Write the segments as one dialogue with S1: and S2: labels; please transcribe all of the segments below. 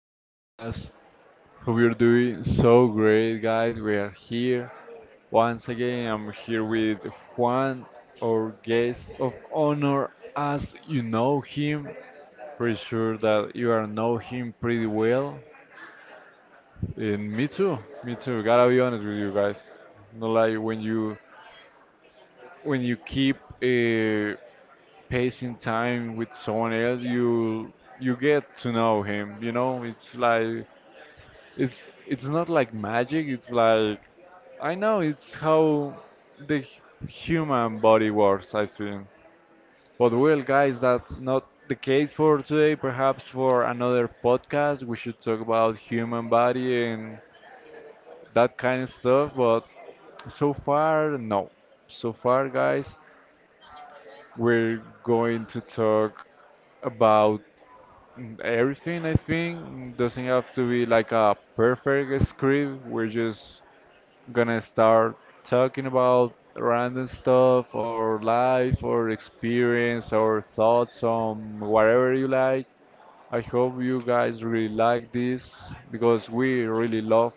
S1: podcast. Hope you're doing so great, guys. We are here once again. I'm here with Juan, our guest of honor, as you know him. Pretty sure that you are know him pretty well. And me too, me too. Gotta be honest with you guys. Not like when you keep uh, passing time with someone else, you get to know him. You know, it's like it's not like magic. It's like I know it's how the human body works. I think. But well, guys, that's not the case for today. Perhaps for another podcast, we should talk about human body and that kind of stuff. But so far, no. So far, guys, we're going to talk about everything, I think, doesn't have to be like a perfect script. We're just gonna start talking about random stuff or life or experience or thoughts on whatever you like. I hope you guys really like this because we really love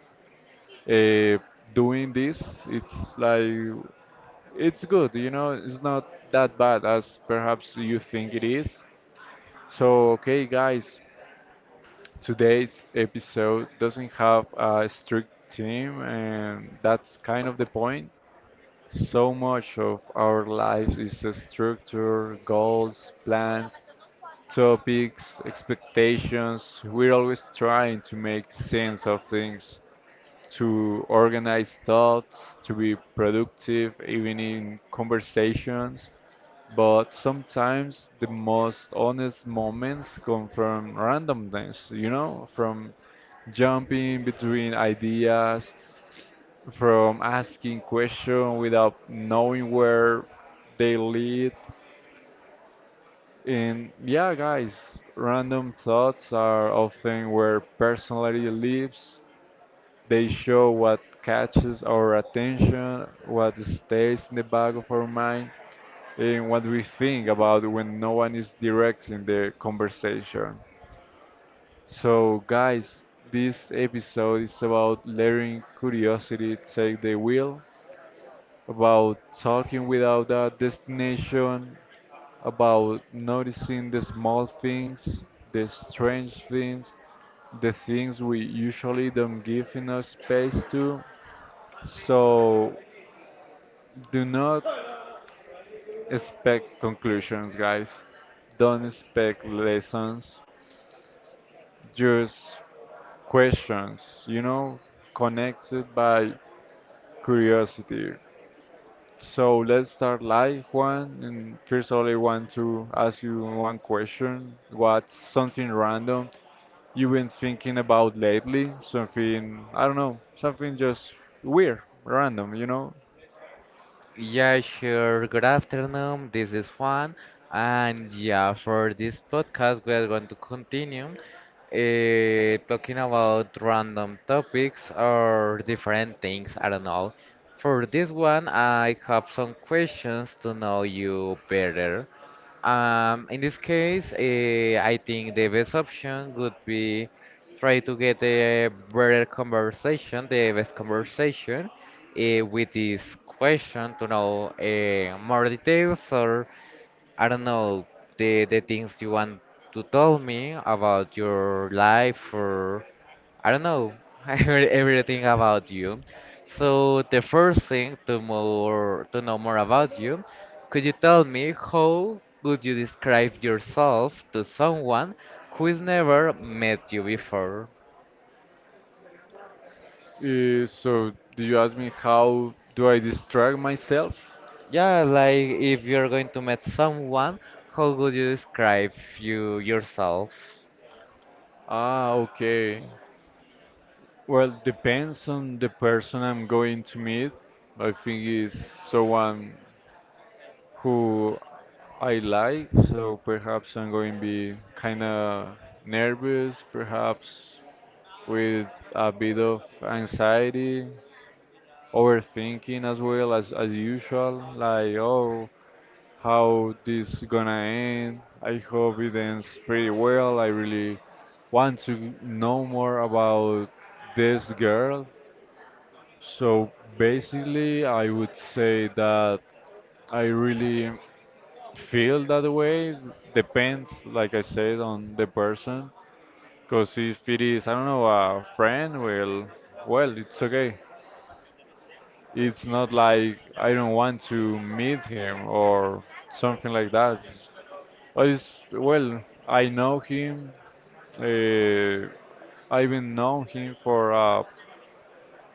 S1: uh, doing this. It's like, it's good, you know, it's not that bad as perhaps you think it is. So, okay, guys, today's episode doesn't have a strict theme, and that's kind of the point. So much of our lives is a structure, goals, plans, topics, expectations. We're always trying to make sense of things, to organize thoughts, to be productive, even in conversations, but sometimes the most honest moments come from randomness, you know, from jumping between ideas, from asking questions without knowing where they lead. And yeah, guys, random thoughts are often where personality lives. They show what catches our attention, what stays in the back of our mind, in what we think about when no one is directing the conversation. So, guys, this episode is about letting curiosity take the wheel, about talking without a destination, about noticing the small things, the strange things, the things we usually don't give enough space to. So, do not expect conclusions, guys. Don't expect lessons. Just questions, you know, connected by curiosity. So let's start live, Juan. And first of all, I want to ask you one question. What's something random you've been thinking about lately? Something, I don't know, something just weird, random, you know?
S2: Yeah, sure. Good afternoon. This is Juan, and yeah, for this podcast, we are going to continue talking about random topics or different things. I don't know. For this one, I have some questions to know you better. In this case, I think the best option would be try to get a better conversation, the best conversation with this question to know more details or I don't know the things you want to tell me about your life or I don't know everything about you. So the first thing to more to know more about you, could you tell me how would you describe yourself to someone who has never met you before?
S1: So, do you ask me how do I distract myself?
S2: Yeah, like if you're going to meet someone, how would you describe yourself?
S1: Ah, okay. Well, depends on the person I'm going to meet. I think it's someone who I like, so perhaps I'm going to be kind of nervous, perhaps with a bit of anxiety, overthinking as well as usual, like oh, how this gonna end? I hope it ends pretty well. I really want to know more about this girl. So basically, I would say that I really feel that way. Depends, like I said, on the person. Because if it is, I don't know, a friend, well, well, it's okay. It's not like I don't want to meet him or something like that. But it's, well, I know him. Uh, I've been known him for a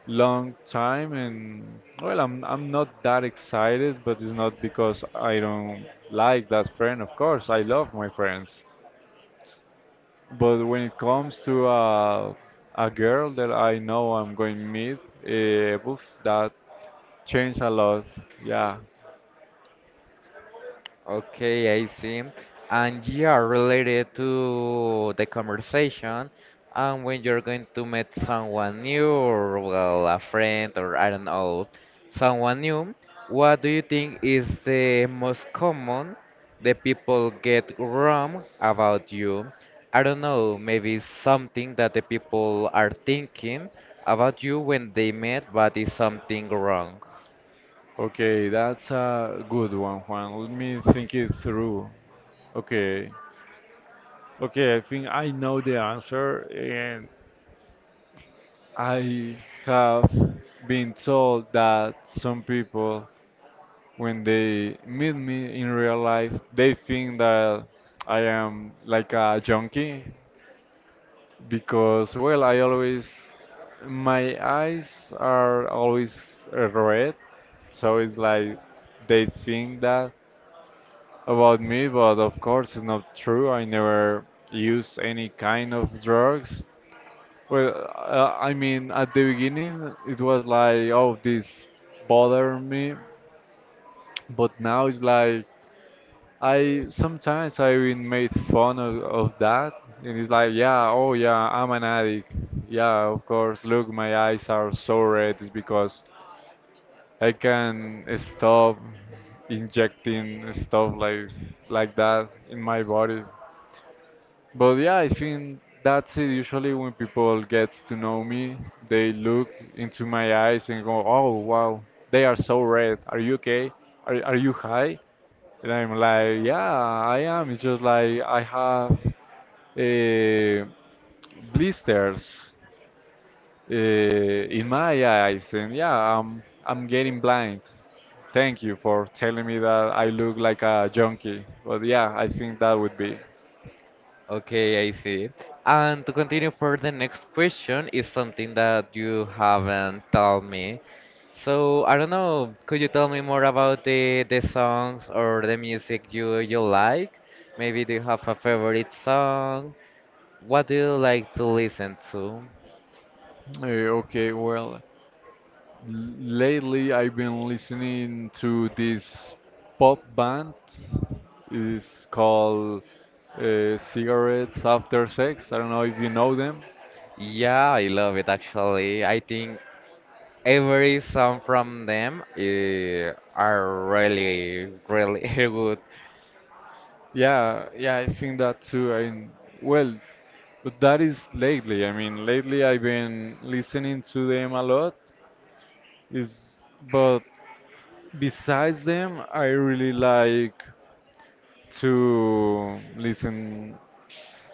S1: long time, and well, I'm not that excited, but it's not because I don't like that friend. Of course I love my friends, but when it comes to a girl that I know I'm going to meet, oof, that changed a lot, yeah.
S2: Okay, I see. And yeah, related to the conversation, and when you're going to meet someone new, or well, a friend, or I don't know, someone new, what do you think is the most common the people get wrong about you? I don't know, maybe something that the people are thinking about you when they met, but is something wrong.
S1: Okay, that's a good one, Juan. Let me think it through. Okay. Okay, I think I know the answer, and I have been told that some people, when they meet me in real life, they think that I am like a junkie because, well, I always, my eyes are always red, so it's like they think that about me, but of course it's not true. I never use any kind of drugs. Well, I mean, at the beginning it was like, oh, this bother me, but now it's like I sometimes I even made fun of that, and it's like, yeah, oh yeah, I'm an addict. Yeah, of course. Look, my eyes are so red. It's because I can stop injecting stuff like that in my body. But yeah, I think that's it. Usually, when people get to know me, they look into my eyes and go, "Oh wow, they are so red. Are you okay? Are you high?" And I'm like, yeah, I am. It's just like I have uh, blisters in my eyes, and yeah, I'm getting blind. Thank you for telling me that I look like a junkie. But yeah, I think that would be.
S2: Okay, I see. And to continue for the next question is something that you haven't told me. So I don't know, could you tell me more about the songs or the music you like? Maybe do you have a favorite song? What do you like to listen to?
S1: Okay, well, lately I've been listening to this pop band. It's called Cigarettes After Sex. I don't know if you know them.
S2: Yeah, I love it actually. I think every song from them are really, really good.
S1: Yeah, yeah, I think that too. I mean, well, but that is lately. I mean, lately I've been listening to them a lot. Is but besides them, I really like to listen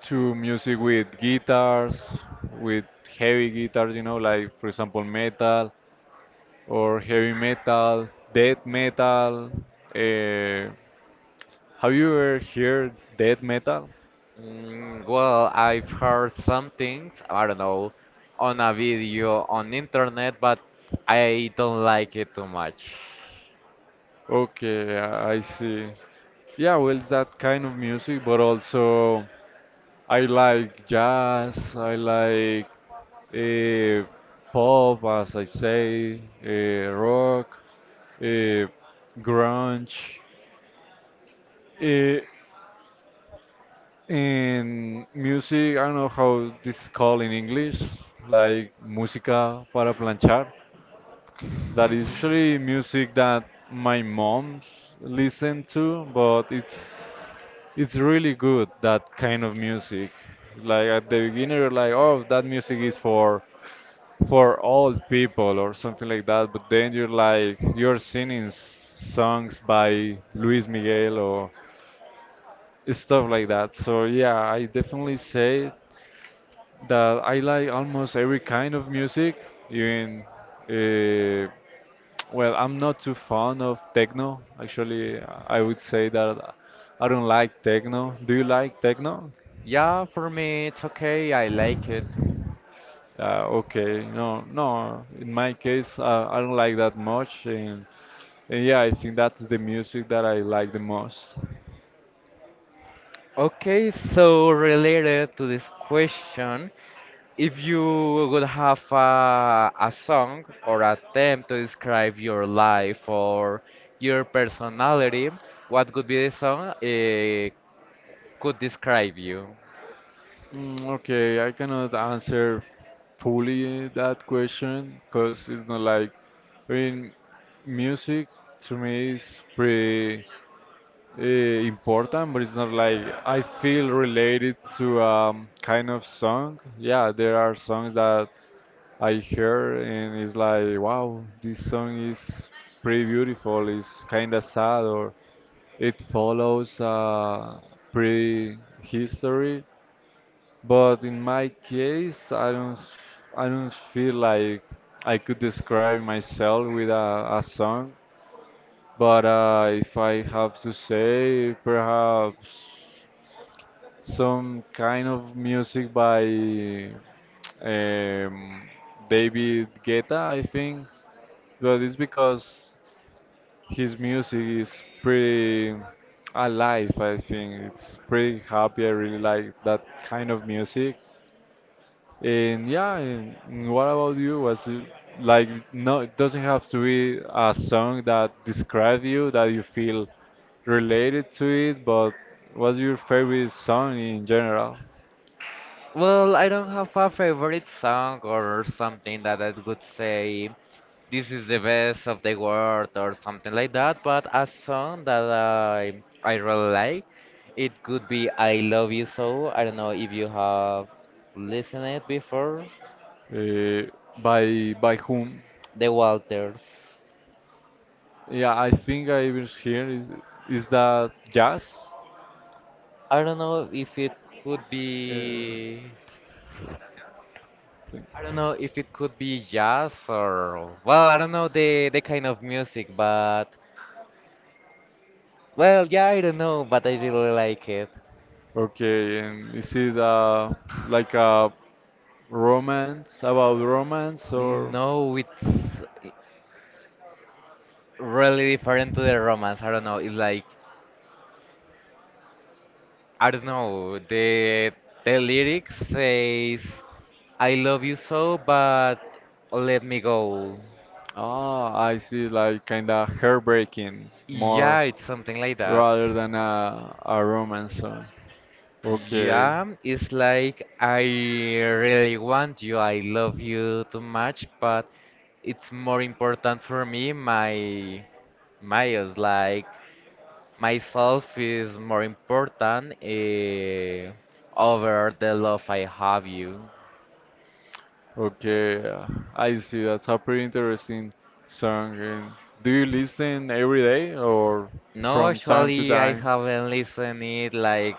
S1: to music with guitars, with heavy guitars, you know, like for example metal, or heavy metal, death metal. Uh, have you ever heard death metal?
S2: Mm, well, I've heard some things, I don't know, on a video on internet, but I don't like it too much.
S1: Okay, I see. Yeah, well, that kind of music, but also I like jazz, I like uh, pop, as I say, rock, uh, grunge, uh, and music, I don't know how this is called in English, like música para planchar. That is usually music that my mom listened to, but it's really good, that kind of music. Like at the beginning, you're like, oh, that music is for old people or something like that. But then you're like, you're singing songs by Luis Miguel or stuff like that. So yeah, I definitely say that I like almost every kind of music. Even uh, well, I'm not too fond of techno. Actually, I would say that I don't like techno. Do you like techno?
S2: Yeah, for me it's okay, I like it.
S1: Okay, no, no. In my case, I don't like that much, and yeah, I think that's the music that I like the most.
S2: Okay, so related to this question, if you would have a song or a theme to describe your life or your personality, what could be the song? It could describe you.
S1: Okay, I cannot answer fully that question because it's not like, I mean, music to me is pretty important, but it's not like I feel related to kind of song. Yeah, there are songs that I hear and it's like, wow, this song is pretty beautiful. It's kind of sad, or it follows a pretty history. But in my case, I don't feel like I could describe myself with a song. But if I have to say, perhaps some kind of music by um, David Guetta, I think. But it's because his music is pretty alive, I think. It's pretty happy. I really like that kind of music. And yeah, and what about you? Like no, it doesn't have to be a song that describes you, that you feel related to it, but what's your favorite song in general?
S2: Well, I don't have a favorite song or something that I would say this is the best of the world or something like that, but a song that I really like, it could be I Love You So. I don't know if you have listened it before.
S1: Uh, by whom?
S2: The Walters.
S1: Yeah, I think I was here. Is that jazz?
S2: I don't know if it could
S1: Uh,
S2: be I don't know if it could be jazz or well, I don't know the kind of music, but well, yeah, I don't know, but I really like it.
S1: Okay, and is it like a romance, or
S2: No, it's really different to the romance. I don't know. It's like I don't know. The lyrics says, "I love you so, but let me go."
S1: ah, I see, like kind of heartbreaking
S2: Yeah,
S1: more
S2: it's something like that.
S1: rather than a romance song. Okay,
S2: Yeah, it's like I really want you. I love you too much, but it's more important for me my myos like myself is more important over the love I have you.
S1: okay, I see. That's a pretty interesting song. And do you listen every day or
S2: No,
S1: from time to
S2: actually, I
S1: time?
S2: haven't listened it like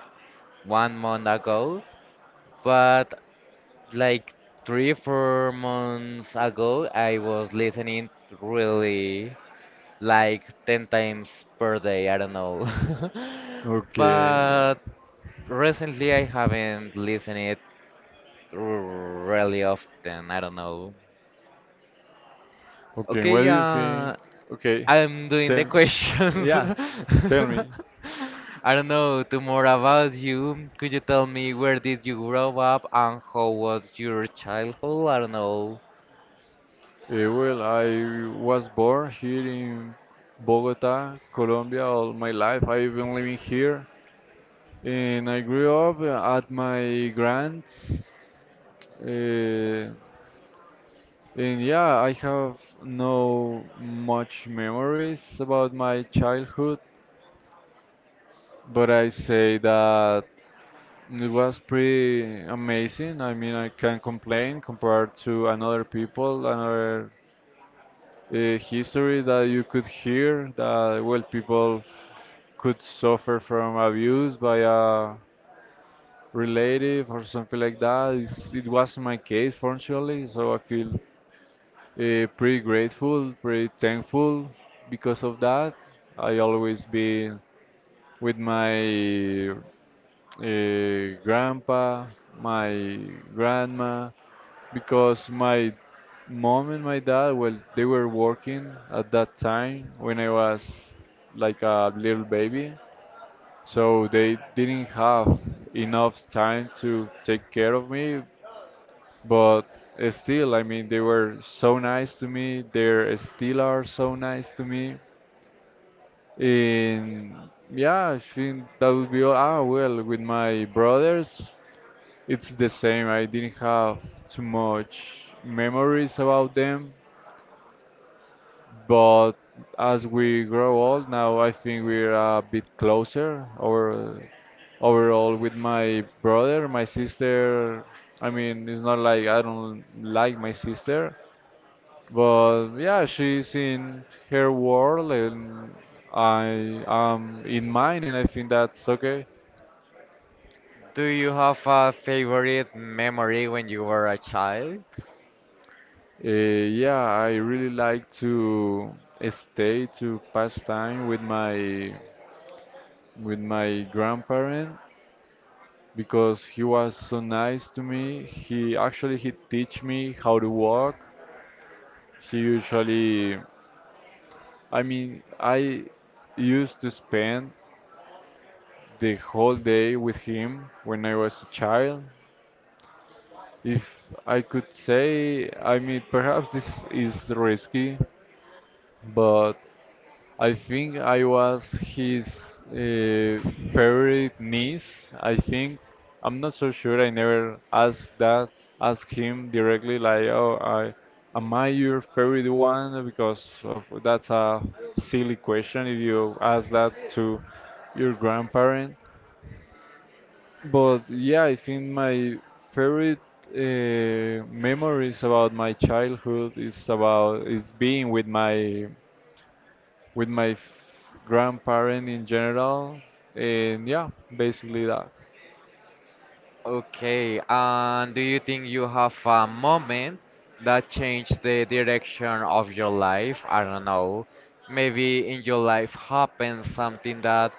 S2: one month ago, but like three, four months ago, I was listening really like 10 times per day. I don't know.
S1: Okay, yeah.
S2: But recently, I haven't listened it really often. I don't know.
S1: Okay. What
S2: Okay,
S1: do you think? Okay,
S2: I'm doing the
S1: tell.
S2: questions.
S1: Yeah, tell me.
S2: I don't know, to more about you. Could you tell me where did you grow up and how was your childhood? I don't know.
S1: Eh, well, I was born here in Bogota, Colombia, all my life. I've been living here, and I grew up at my grand's. Uh, and yeah, I have no much memories about my childhood, but I say that it was pretty amazing. I mean, I can't complain compared to another people, another history that you could hear, that well people could suffer from abuse by a relative or something like that. It's, it wasn't my case, fortunately, so I feel pretty grateful, pretty thankful because of that. I always been with my grandpa, my grandma, because my mom and my dad, well, they were working at that time when I was like a little baby. So they didn't have enough time to take care of me, but still, I mean, they were so nice to me. They still are so nice to me. And yeah, I think that would be all. Ah, well, with my brothers, it's the same. I didn't have too much memories about them, but as we grow old now, I think we're a bit closer. Or overall, with my brother, my sister. I mean, it's not like I don't like my sister, but yeah, she's in her world and I am in mine, and I think that's okay.
S2: Do you have a favorite memory when you were a child?
S1: Yeah, I really like to stay to pass time with my grandparent because he was so nice to me. He actually he teach me how to walk. He usually, I mean, I used to spend the whole day with him when I was a child. If I could say, I mean, perhaps this is risky, but I think I was his uh, favorite niece. I think I'm not so sure. I never asked that. Asked him directly, like, "Oh, I am I your favorite one?" Because of that's a silly question if you ask that to your grandparent. But yeah, I think my favorite memories about my childhood is about is being with with my f- grandparent in general, and yeah, basically that.
S2: Okay, and do you think you have a moment that changed the direction of your life? I don't know. Maybe in your life happened something that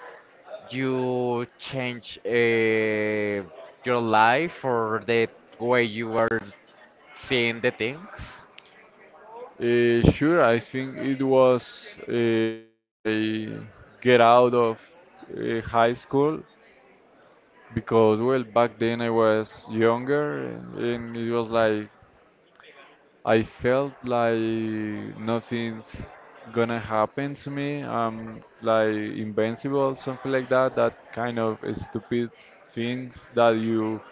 S2: you change your life or the way you are seeing the things?
S1: Sure, I think it was when I get out of high school because well back then I was younger and it was like I felt like nothing's gonna happen to me. I'm like invincible, something like that. That kind of stupid things that you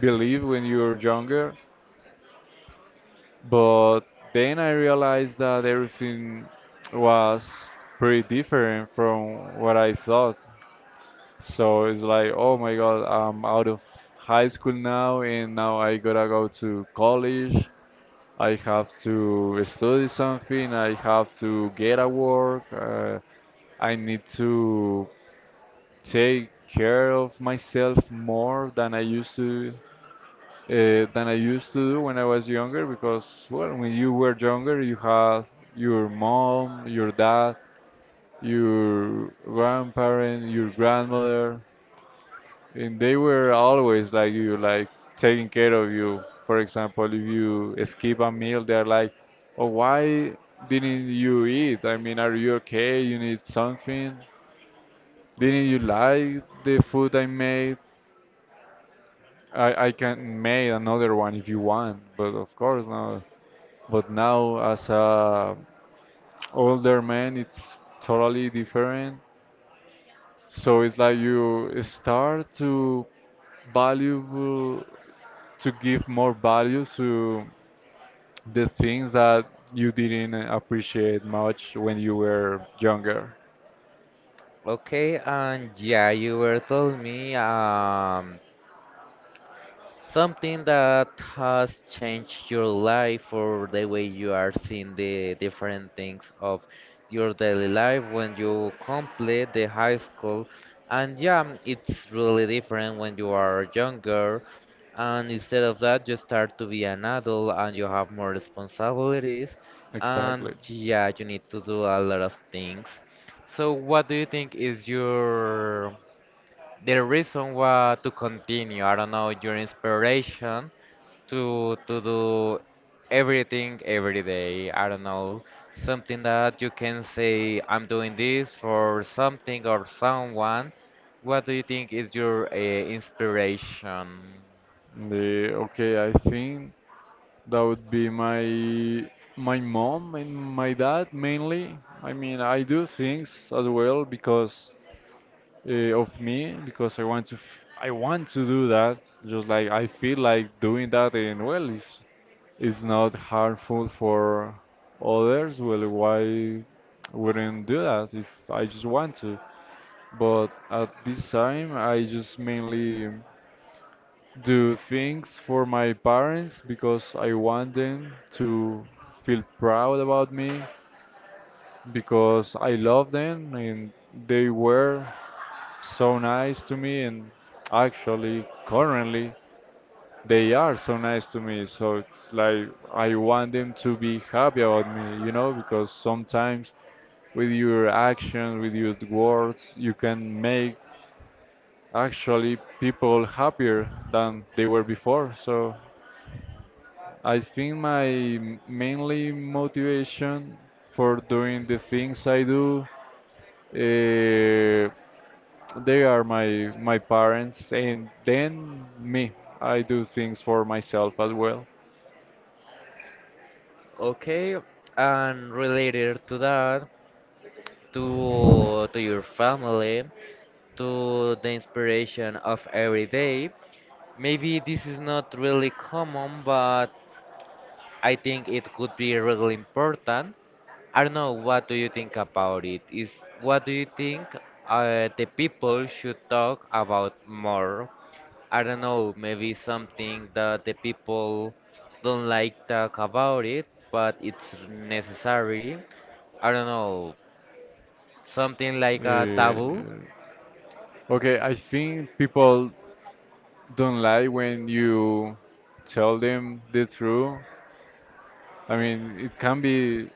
S1: believe when you're younger. But then I realized that everything was pretty different from what I thought. So it's like, oh my God, I'm out of high school now, and now I gotta go to college. I have to study something. I have to get a work. I need to take care of myself more than I used to do when I was younger because, well, when you were younger, you had your mom, your dad, your grandparent, your grandmother, and they were always like you, like taking care of you. For example, if you skip a meal, they're like, "Oh, why didn't you eat? I mean, are you okay? You need something? Didn't you like the food I made? I can make another one if you want, but of course, no. But now, as a older man, it's totally different. So it's like you start to valuable to give more value to the things that you didn't appreciate much when you were younger.
S2: Okay, and yeah, you were telling me something that has changed your life or the way you are seeing the different things of your daily life when you complete the high school. And yeah, it's really different when you are younger. And instead of that, you start to be an adult and you have more responsibilities. And
S1: Exactly.
S2: yeah, you need to do a lot of things. So, what do you think is your the reason was to continue. I don't know your inspiration to do everything every day. I don't know something that you can say I'm doing this for something or someone. What do you think is your inspiration?
S1: Okay, I think that would be my mom and my dad mainly. I mean, I do things as well because uh, of me because I want to do that just like I feel like doing that, and well, if it's not harmful for others, well, why wouldn't do that if I just want to, but at this time I just mainly do things for my parents because I want them to feel proud about me because I love them, and they were so nice to me, and actually currently they are so nice to me. So it's like I want them to be happy about me, you know, because sometimes with your action, with your words, you can make actually people happier than they were before. So I think mainly motivation for doing the things I do uh. They are my parents, and then me. I do things for myself as well.
S2: Okay, and related to that, to your family, to the inspiration of every day. Maybe this is not really common, but I think it could be really important. I don't know, what do you think about it? Is what do you think the people should talk about more? I don't know, maybe something that the people don't like talk about it, but it's necessary. I don't know, something like a taboo.
S1: Uh, okay, I think people don't lie when you tell them the truth. I mean, it can be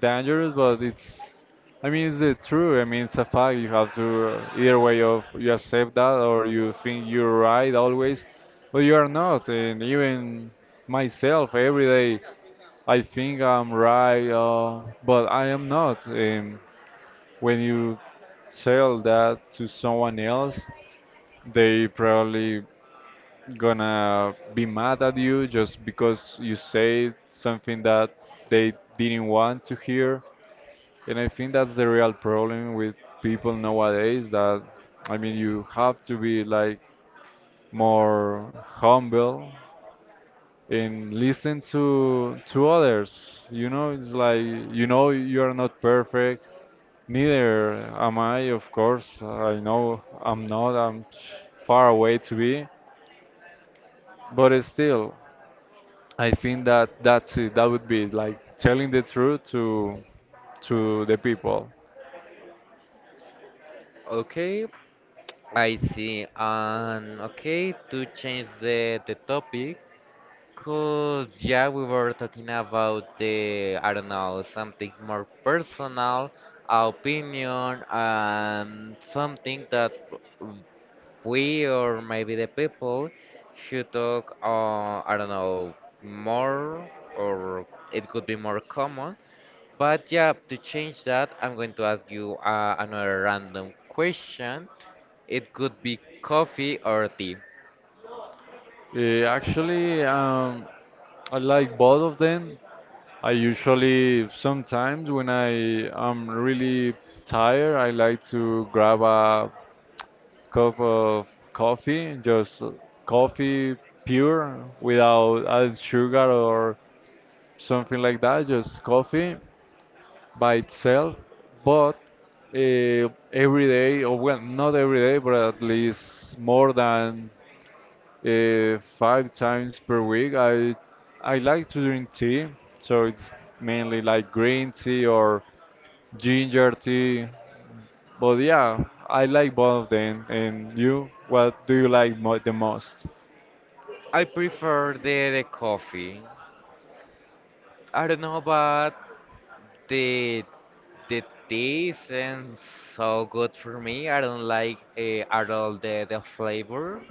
S1: dangerous, but it's. I mean, it's the truth. I mean, it's a fact. You have to either way of you accept that or you think you're right always, but you are not. And even myself every day I think I'm right, but I am not. When you sell that to someone else, they probably gonna be mad at you just because you say something that they didn't want to hear. And I think that's the real problem with people nowadays that, I mean, you have to be like more humble and listen to others. You know, it's like you know you are not perfect. Neither am I, of course. I know I'm not. I'm far away to be, but it's still, I think that that's it. That would be like telling the truth to the people.
S2: Okay, I see. And okay, to change the topic, cause yeah, we were talking about the I don't know something more personal opinion and something that w- we or maybe the people should talk I don't know more or it could be more common. But yeah, to change that, I'm going to ask you another random question. It could be coffee or tea.
S1: Eh, actually, um, I like both of them. I usually sometimes when I am really tired, I like to grab a cup of coffee, just coffee pure without added sugar or something like that, just coffee by itself. But every day, or well, not every day, but at least more than five times per week, I like to drink tea. So it's mainly like green tea or ginger tea, but yeah, I like both of them. And you, what do you like mo the most?
S2: I prefer the coffee. I don't know, but The the taste isn't so good for me. I don't like at all the flavor.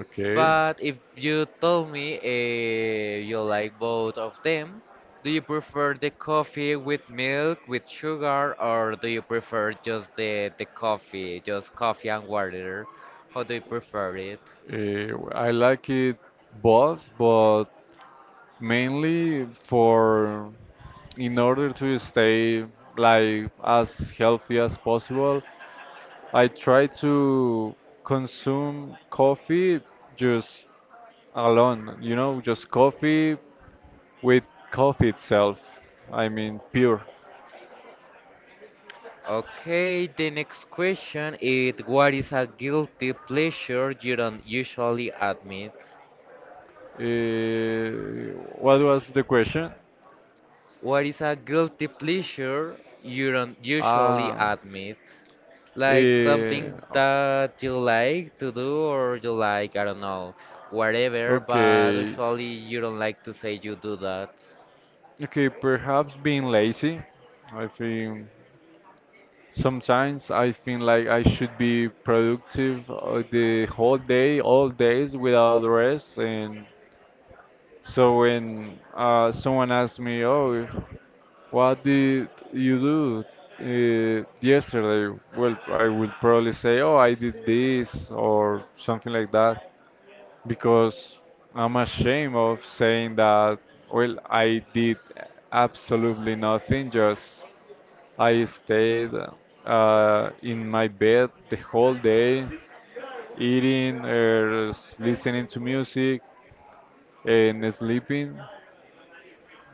S1: Okay,
S2: But if you told me you like both of them, do you prefer the coffee with milk, with sugar, or do you prefer just the coffee, just coffee and water? How do you prefer it?
S1: I like it both, but mainly for in order to stay like as healthy as possible, I try to consume coffee just alone, you know, just coffee with coffee itself. I mean, pure.
S2: Okay, the next question is what is a guilty pleasure you don't usually admit?
S1: Uh, what was the question?
S2: What is a guilty pleasure you don't usually
S1: Ah,
S2: admit? Like
S1: eh,
S2: something that you like to do or you like, I don't know, whatever, but
S1: okay.
S2: usually you don't like to say you do that.
S1: Okay, perhaps being lazy. I think sometimes I feel like I should be productive the whole day, all days without rest. And so when someone asks me, "Oh, what did you do yesterday?" Well, I would probably say, "Oh, I did this" or something like that, because I'm ashamed of saying that, well, I did absolutely nothing, just I stayed in my bed the whole day, eating, listening to music, and sleeping.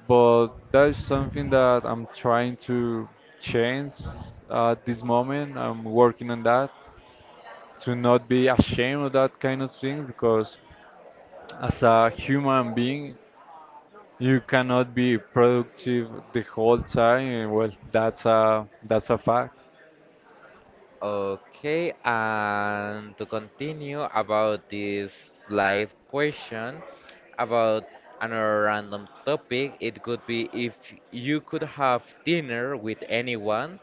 S1: But that's something that I'm trying to change at this moment. I'm working on that to not be ashamed of that kind of thing because as a human being you cannot be productive the whole time. And well, that's a fact.
S2: Okay, and to continue about this live question about another random topic, it could be if you could have dinner with anyone,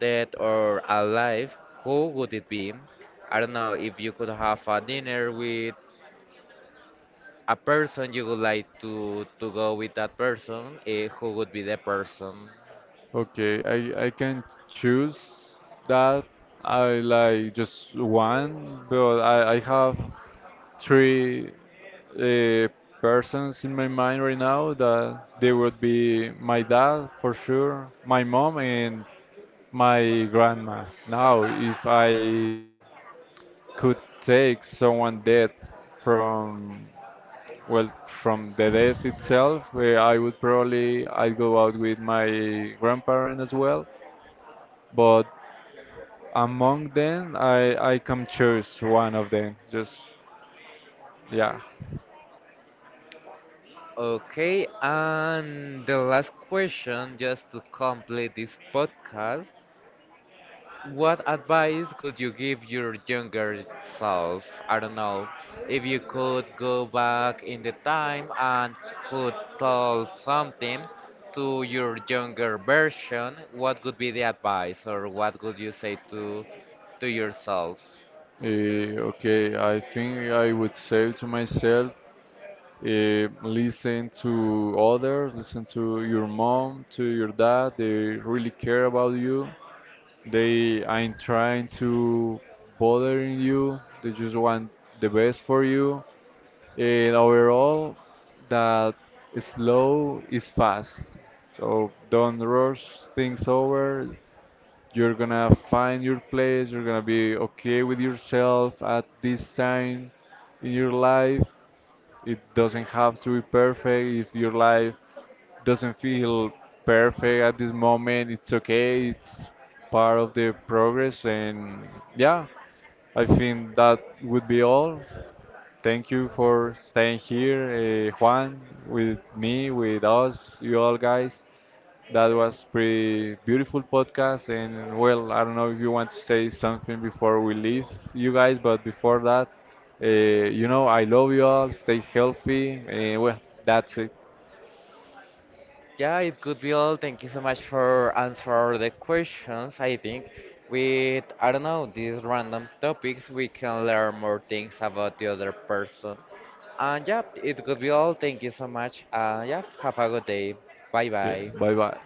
S2: dead or alive, who would it be? I don't know if you could have a dinner with a person you would like to go with that person, who would be the person?
S1: Okay, I can choose that. I like just one, but I have three uh, persons in my mind right now that they would be my dad for sure, my mom and my grandma. Now, if I could take someone dead from, well, from the death itself, I would probably I'd go out with my grandparents as well, but among them, I can choose one of them. Just yeah.
S2: Okay, and the last question, just to complete this podcast, what advice would you give your younger self? I don't know, if you could go back in the time and could tell something to your younger version, what would be the advice or what would you say to yourself?
S1: Okay, I think I would say to myself, listen to others, listen to your mom, to your dad. They really care about you. They ain't trying to bothering you. They just want the best for you. And overall, that slow is fast. So don't rush things over. You're gonna find your place. You're gonna be okay with yourself at this time in your life. It doesn't have to be perfect. If your life doesn't feel perfect at this moment, it's okay. It's part of the progress. And yeah, I think that would be all. Thank you for staying here, Juan, with me, with us, you all guys. That was pretty beautiful podcast. And well, I don't know if you want to say something before we leave you guys, but before that, uh, you know, I love you all. Stay healthy. And well, that's it.
S2: Yeah, it could be all. Thank you so much for answer the questions. I think with I don't know these random topics we can learn more things about the other person. And yeah, it could be all. Thank you so much. Yeah, have a good day. Bye
S1: Yeah,
S2: bye.
S1: bye bye.